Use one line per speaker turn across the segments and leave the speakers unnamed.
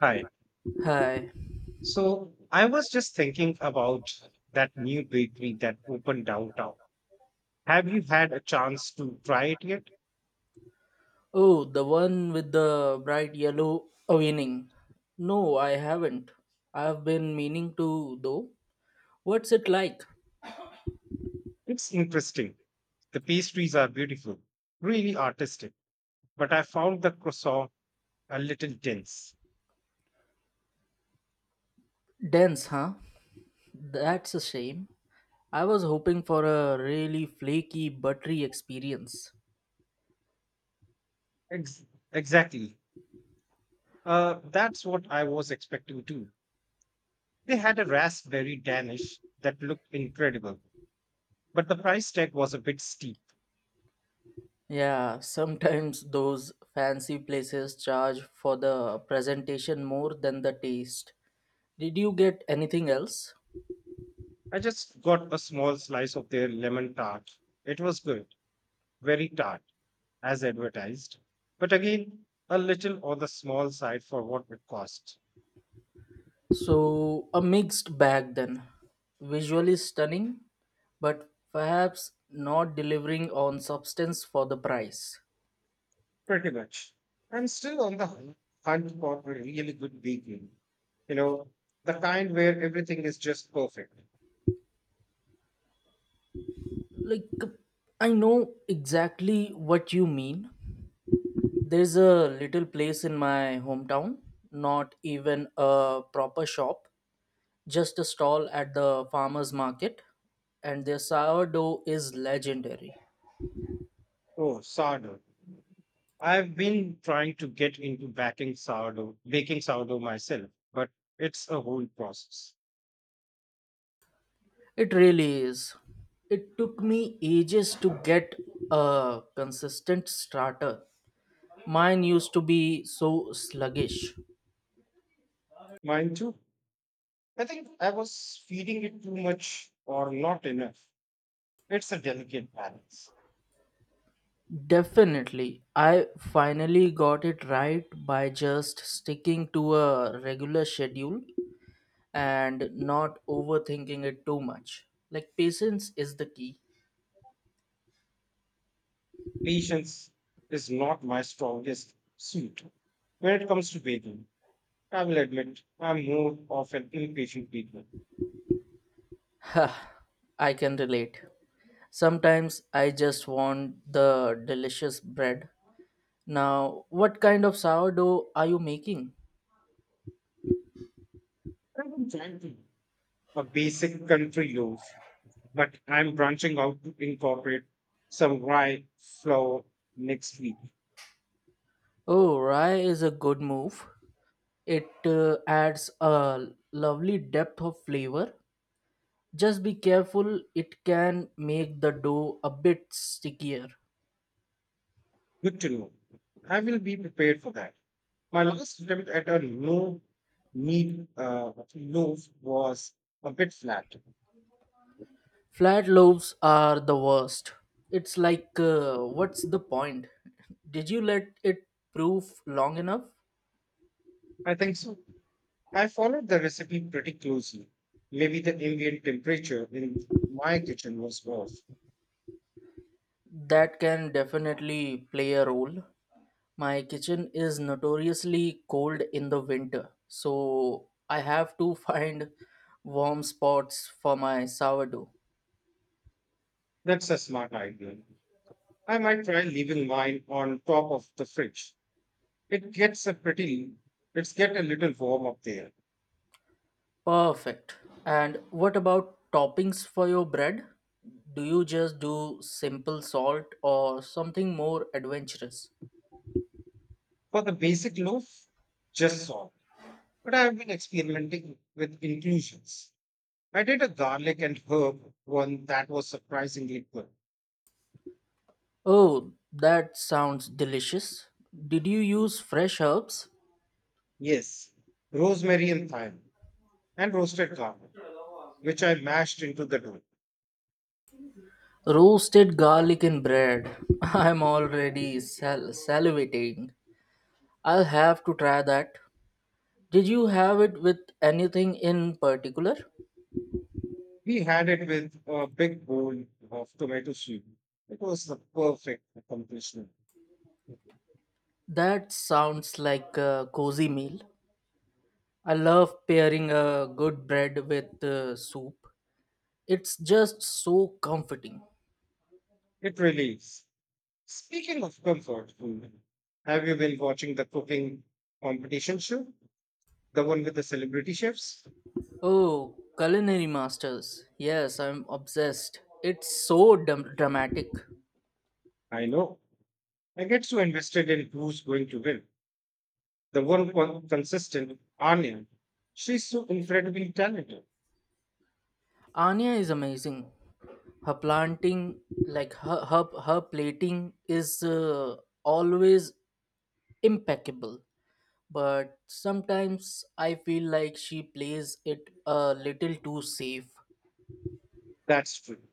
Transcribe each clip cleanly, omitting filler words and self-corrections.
Hi.
Hi.
So I was just thinking about that new bakery that opened downtown. Have you had a chance to try it yet?
Oh, the one with the bright yellow awning. No, I haven't. I've been meaning to, though. What's it like?
It's interesting. The pastries are beautiful, really artistic, but I found the croissant a little dense.
Dense, huh? That's a shame. I was hoping for a really flaky, buttery experience.
Ex- exactly. That's what I was expecting too. They had a raspberry danish that looked incredible, but the price tag was a bit steep.
Yeah, sometimes those fancy places charge for the presentation more than the taste. Did you get anything else?
I just got a small slice of their lemon tart. It was good, very tart as advertised, but again, a little on the small side for what it costs.
So, a mixed bag then. Visually stunning, but perhaps not delivering on substance for the price.
Pretty much. I'm still on the hunt for a really good bakery. You know, the kind where everything is just perfect.
Like, I know exactly what you mean. There's a little place in my hometown, not even a proper shop, just a stall at the farmer's market, and their sourdough is legendary.
Oh, sourdough. I've been trying to get into baking sourdough myself, but it's a whole process.
It really is. It took me ages to get a consistent starter. Mine used to be so sluggish.
Mine too. I think I was feeding it too much or not enough. It's a delicate balance.
Definitely. I finally got it right by just sticking to a regular schedule and not overthinking it too much. Like, patience is the key.
Patience is not my strongest suit. When it comes to baking, I will admit I'm more of an impatient baker.
Ha! I can relate. Sometimes I just want the delicious bread. Now, what kind of sourdough are you making?
I've been trying to a basic country loaf but I'm branching out to incorporate some rye flour next week.
Oh, rye is a good move. It adds a lovely depth of flavor. Just be careful, it can make the dough a bit stickier.
Good to know. I will be prepared for that. My last attempt at a no meat loaf was a bit flat.
Flat loaves are the worst. It's like, what's the point? Did you let it proof long enough?
I think so. I followed the recipe pretty closely. Maybe the ambient temperature in my kitchen was off.
That can definitely play a role. My kitchen is notoriously cold in the winter, so I have to find warm spots for my sourdough.
That's a smart idea. I might try leaving mine on top of the fridge. It gets a pretty, it's get a little warm up there.
Perfect. And what about toppings for your bread? Do you just do simple salt or something more adventurous?
For the basic loaf, just salt. But I have been experimenting with inclusions. I did a garlic and herb one that was surprisingly good.
Oh, that sounds delicious. Did you use fresh herbs?
Yes, rosemary and thyme, and roasted garlic, which I mashed into the dough.
Roasted garlic in bread. I'm already salivating. I'll have to try that. Did you have it with anything in particular?
We had it with a big bowl of tomato soup. It was the perfect accomplishment.
That sounds like a cozy meal. I love pairing a good bread with soup. It's just so comforting.
It really is. Speaking of comfort food, have you been watching the cooking competition show? The one with the celebrity chefs?
Oh, culinary masters. Yes, I'm obsessed. It's so dramatic.
I know. I get so invested in who's going to win. The one consistent, Anya. She's so incredibly talented.
Anya is amazing. Her planting, her plating, is always impeccable. But sometimes I feel like she plays it a little too safe.
That's true.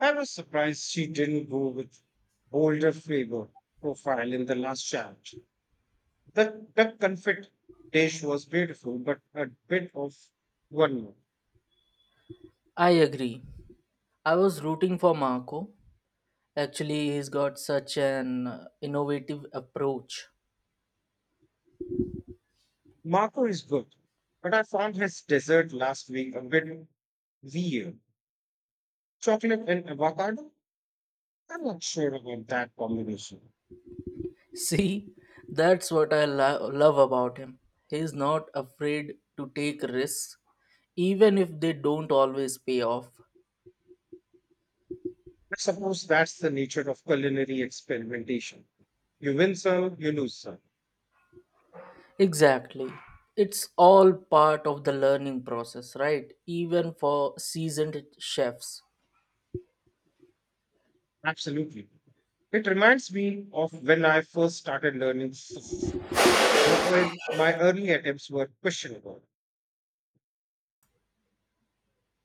I was surprised she didn't go with bolder flavor profile in the last challenge. The duck confit dish was beautiful, but a bit of one note.
I agree. I was rooting for Marco. Actually, he's got such an innovative approach.
Marco is good, but I found his dessert last week a bit weird. Chocolate and avocado? I'm not sure about that combination.
See, that's what I love about him. He's not afraid to take risks, even if they don't always pay off.
I suppose that's the nature of culinary experimentation. You win some, you lose some.
Exactly. It's all part of the learning process, right? Even for seasoned chefs.
Absolutely. It reminds me of when I first started learning. Well, my early attempts were questionable.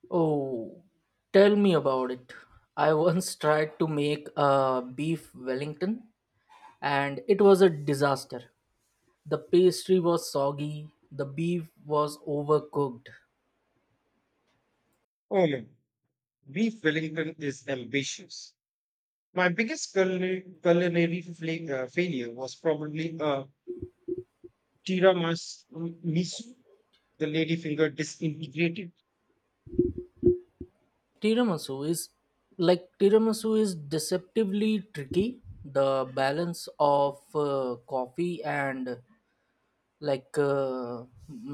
Oh, tell me about it. I once tried to make a beef Wellington and it was a disaster. The pastry was soggy, the beef was overcooked.
Oh no, beef Wellington is ambitious. My biggest culinary failure was probably a tiramisu, the ladyfinger disintegrated.
Tiramisu is tiramisu is deceptively tricky. The balance of coffee and like uh,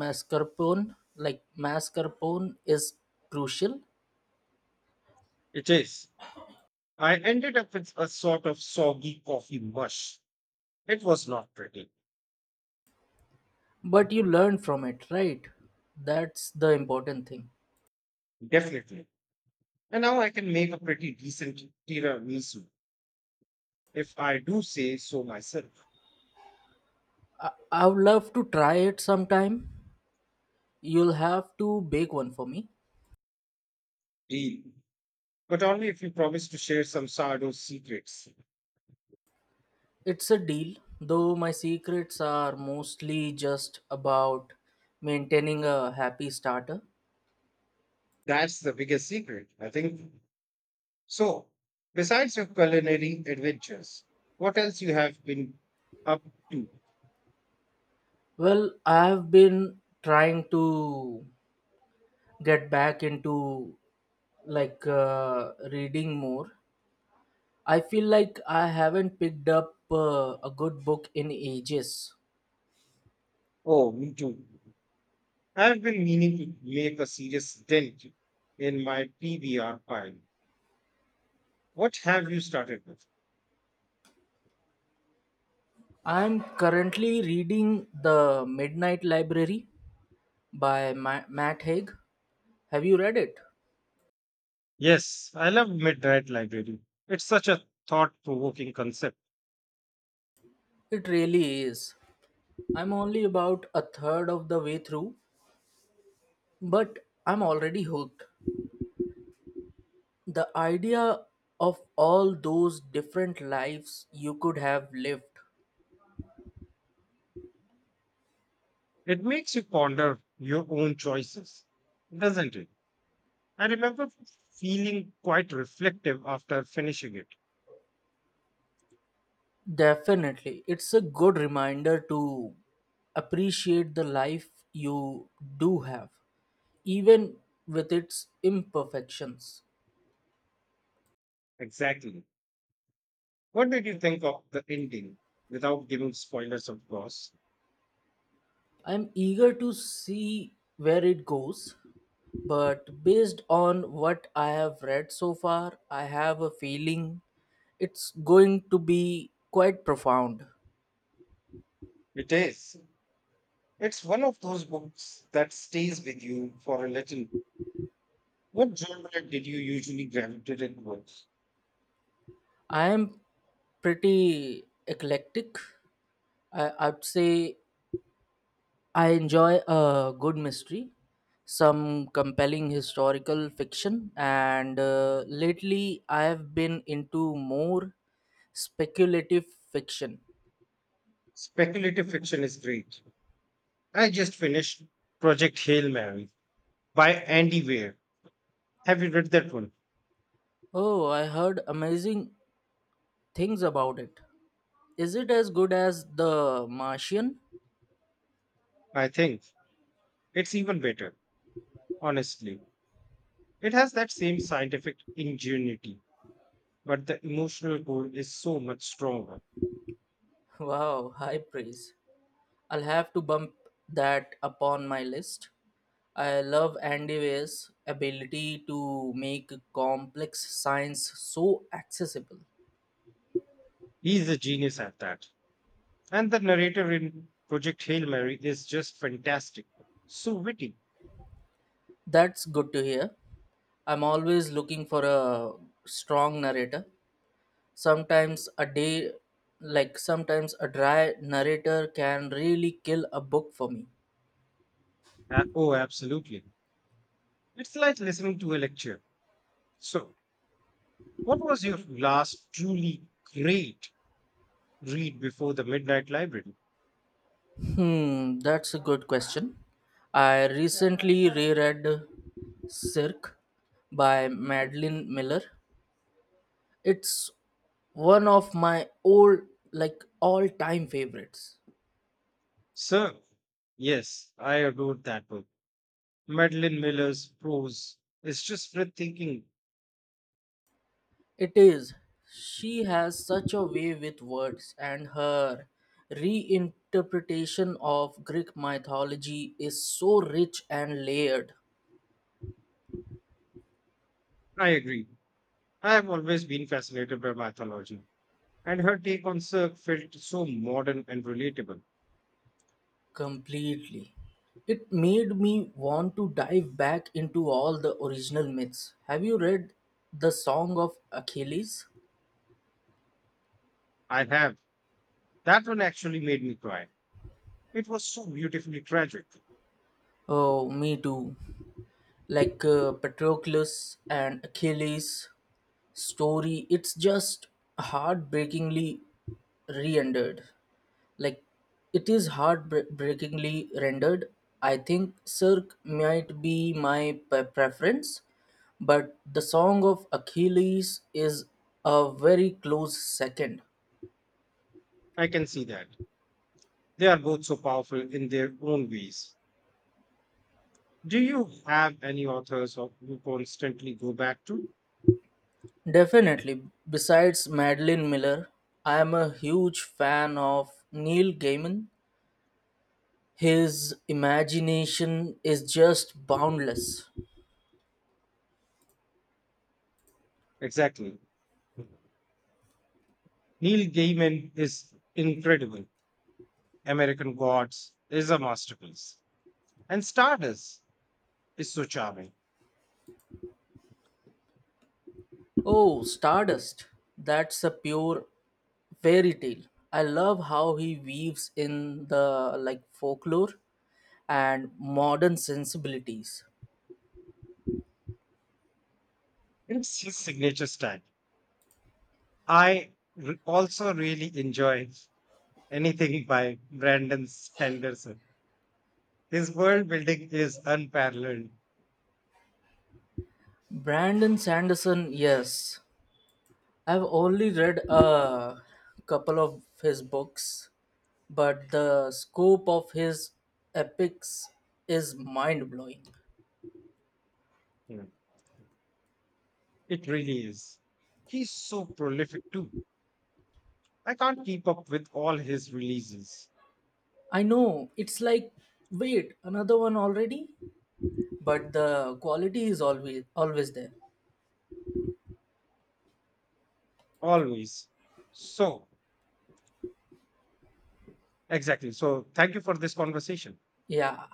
mascarpone is crucial,
It is. I ended up with a sort of soggy coffee mush. It was not pretty,
but you learn from it, right? That's the important thing.
definitely. And now I can make a pretty decent tiramisu, if I do say so myself.
I would love to try it sometime. You'll have to bake one for me.
Deal. But only if you promise to share some sourdough secrets.
It's a deal, though my secrets are mostly just about maintaining a happy starter.
That's the biggest secret, I think. So, besides your culinary adventures, what else you have been up to?
Well, I've been trying to get back into reading more. I feel like I haven't picked up a good book in ages.
Oh, me too. I've been meaning to make a serious dent in my PBR pile. What have you started with?
I'm currently reading The Midnight Library by Matt Haig. Have you read it?
Yes, I love Midnight Library. It's such a thought provoking concept.
It really is. I'm only about a third of the way through, but I'm already hooked. The idea of all those different lives you could have lived.
It makes you ponder your own choices, doesn't it? I remember feeling quite reflective after finishing it.
Definitely. It's a good reminder to appreciate the life you do have, even with its imperfections.
Exactly. What did you think of the ending without giving spoilers, of course?
I'm eager to see where it goes, but based on what I have read so far, I have a feeling it's going to be quite profound.
It is. It's one of those books that stays with you for a little. What genre did you usually gravitate towards?
I am pretty eclectic. I'd say I enjoy a good mystery, some compelling historical fiction, and lately I have been into more speculative fiction.
Speculative fiction is great. I just finished Project Hail Mary by Andy Weir. Have you read that one?
Oh, I heard amazing things about it. Is it as good as The Martian?
I think it's even better, honestly. It has that same scientific ingenuity, but the emotional core is so much stronger.
Wow, high praise. I'll have to bump that upon my list. I love Andy Weir's ability to make complex science so accessible.
He's a genius at that. And the narrator in Project Hail Mary is just fantastic. So witty.
That's good to hear. I'm always looking for a strong narrator. Sometimes a day, sometimes a dry narrator can really kill a book for me.
Oh, absolutely. It's like listening to a lecture. So, what was your last truly great read before the Midnight Library?
Hmm, that's a good question. I recently reread Cirque by Madeline Miller. It's one of my old, like all time favorites.
So, yes, I adored that book. Madeline Miller's prose is just breathtaking.
It is. She has such a way with words, and her reinterpretation of Greek mythology is so rich and layered
I agree. I have always been fascinated by mythology, and her take on Cirque felt so modern and relatable.
completely. It made me want to dive back into all the original myths. Have you read The Song of Achilles?
I have. That one actually made me cry. It was so beautifully tragic.
Oh, me too. Patroclus and Achilles story, it's just heartbreakingly re-rendered like it is heartbreakingly rendered. I think Cirque might be my preference, but The Song of Achilles is a very close second.
I can see that. They are both so powerful in their own ways. Do you have any authors or- you constantly go back to?
Definitely. Besides Madeline Miller, I am a huge fan of Neil Gaiman. His imagination is just boundless.
Exactly. Neil Gaiman is incredible. American Gods is a masterpiece. And Stardust is so charming.
Oh, Stardust. That's a pure fairy tale. I love how he weaves in the folklore and modern sensibilities.
It's his signature style. I also really enjoy anything by Brandon Sanderson. His world building is unparalleled.
Brandon Sanderson, yes. I've only read a couple of his books, but the scope of his epics is mind blowing.
Hmm. It really is. He's so prolific too. I can't keep up with all his releases.
I know, it's like, wait, another one already, but the quality is always there.
Always. So, exactly. So, thank you for this conversation.
Yeah.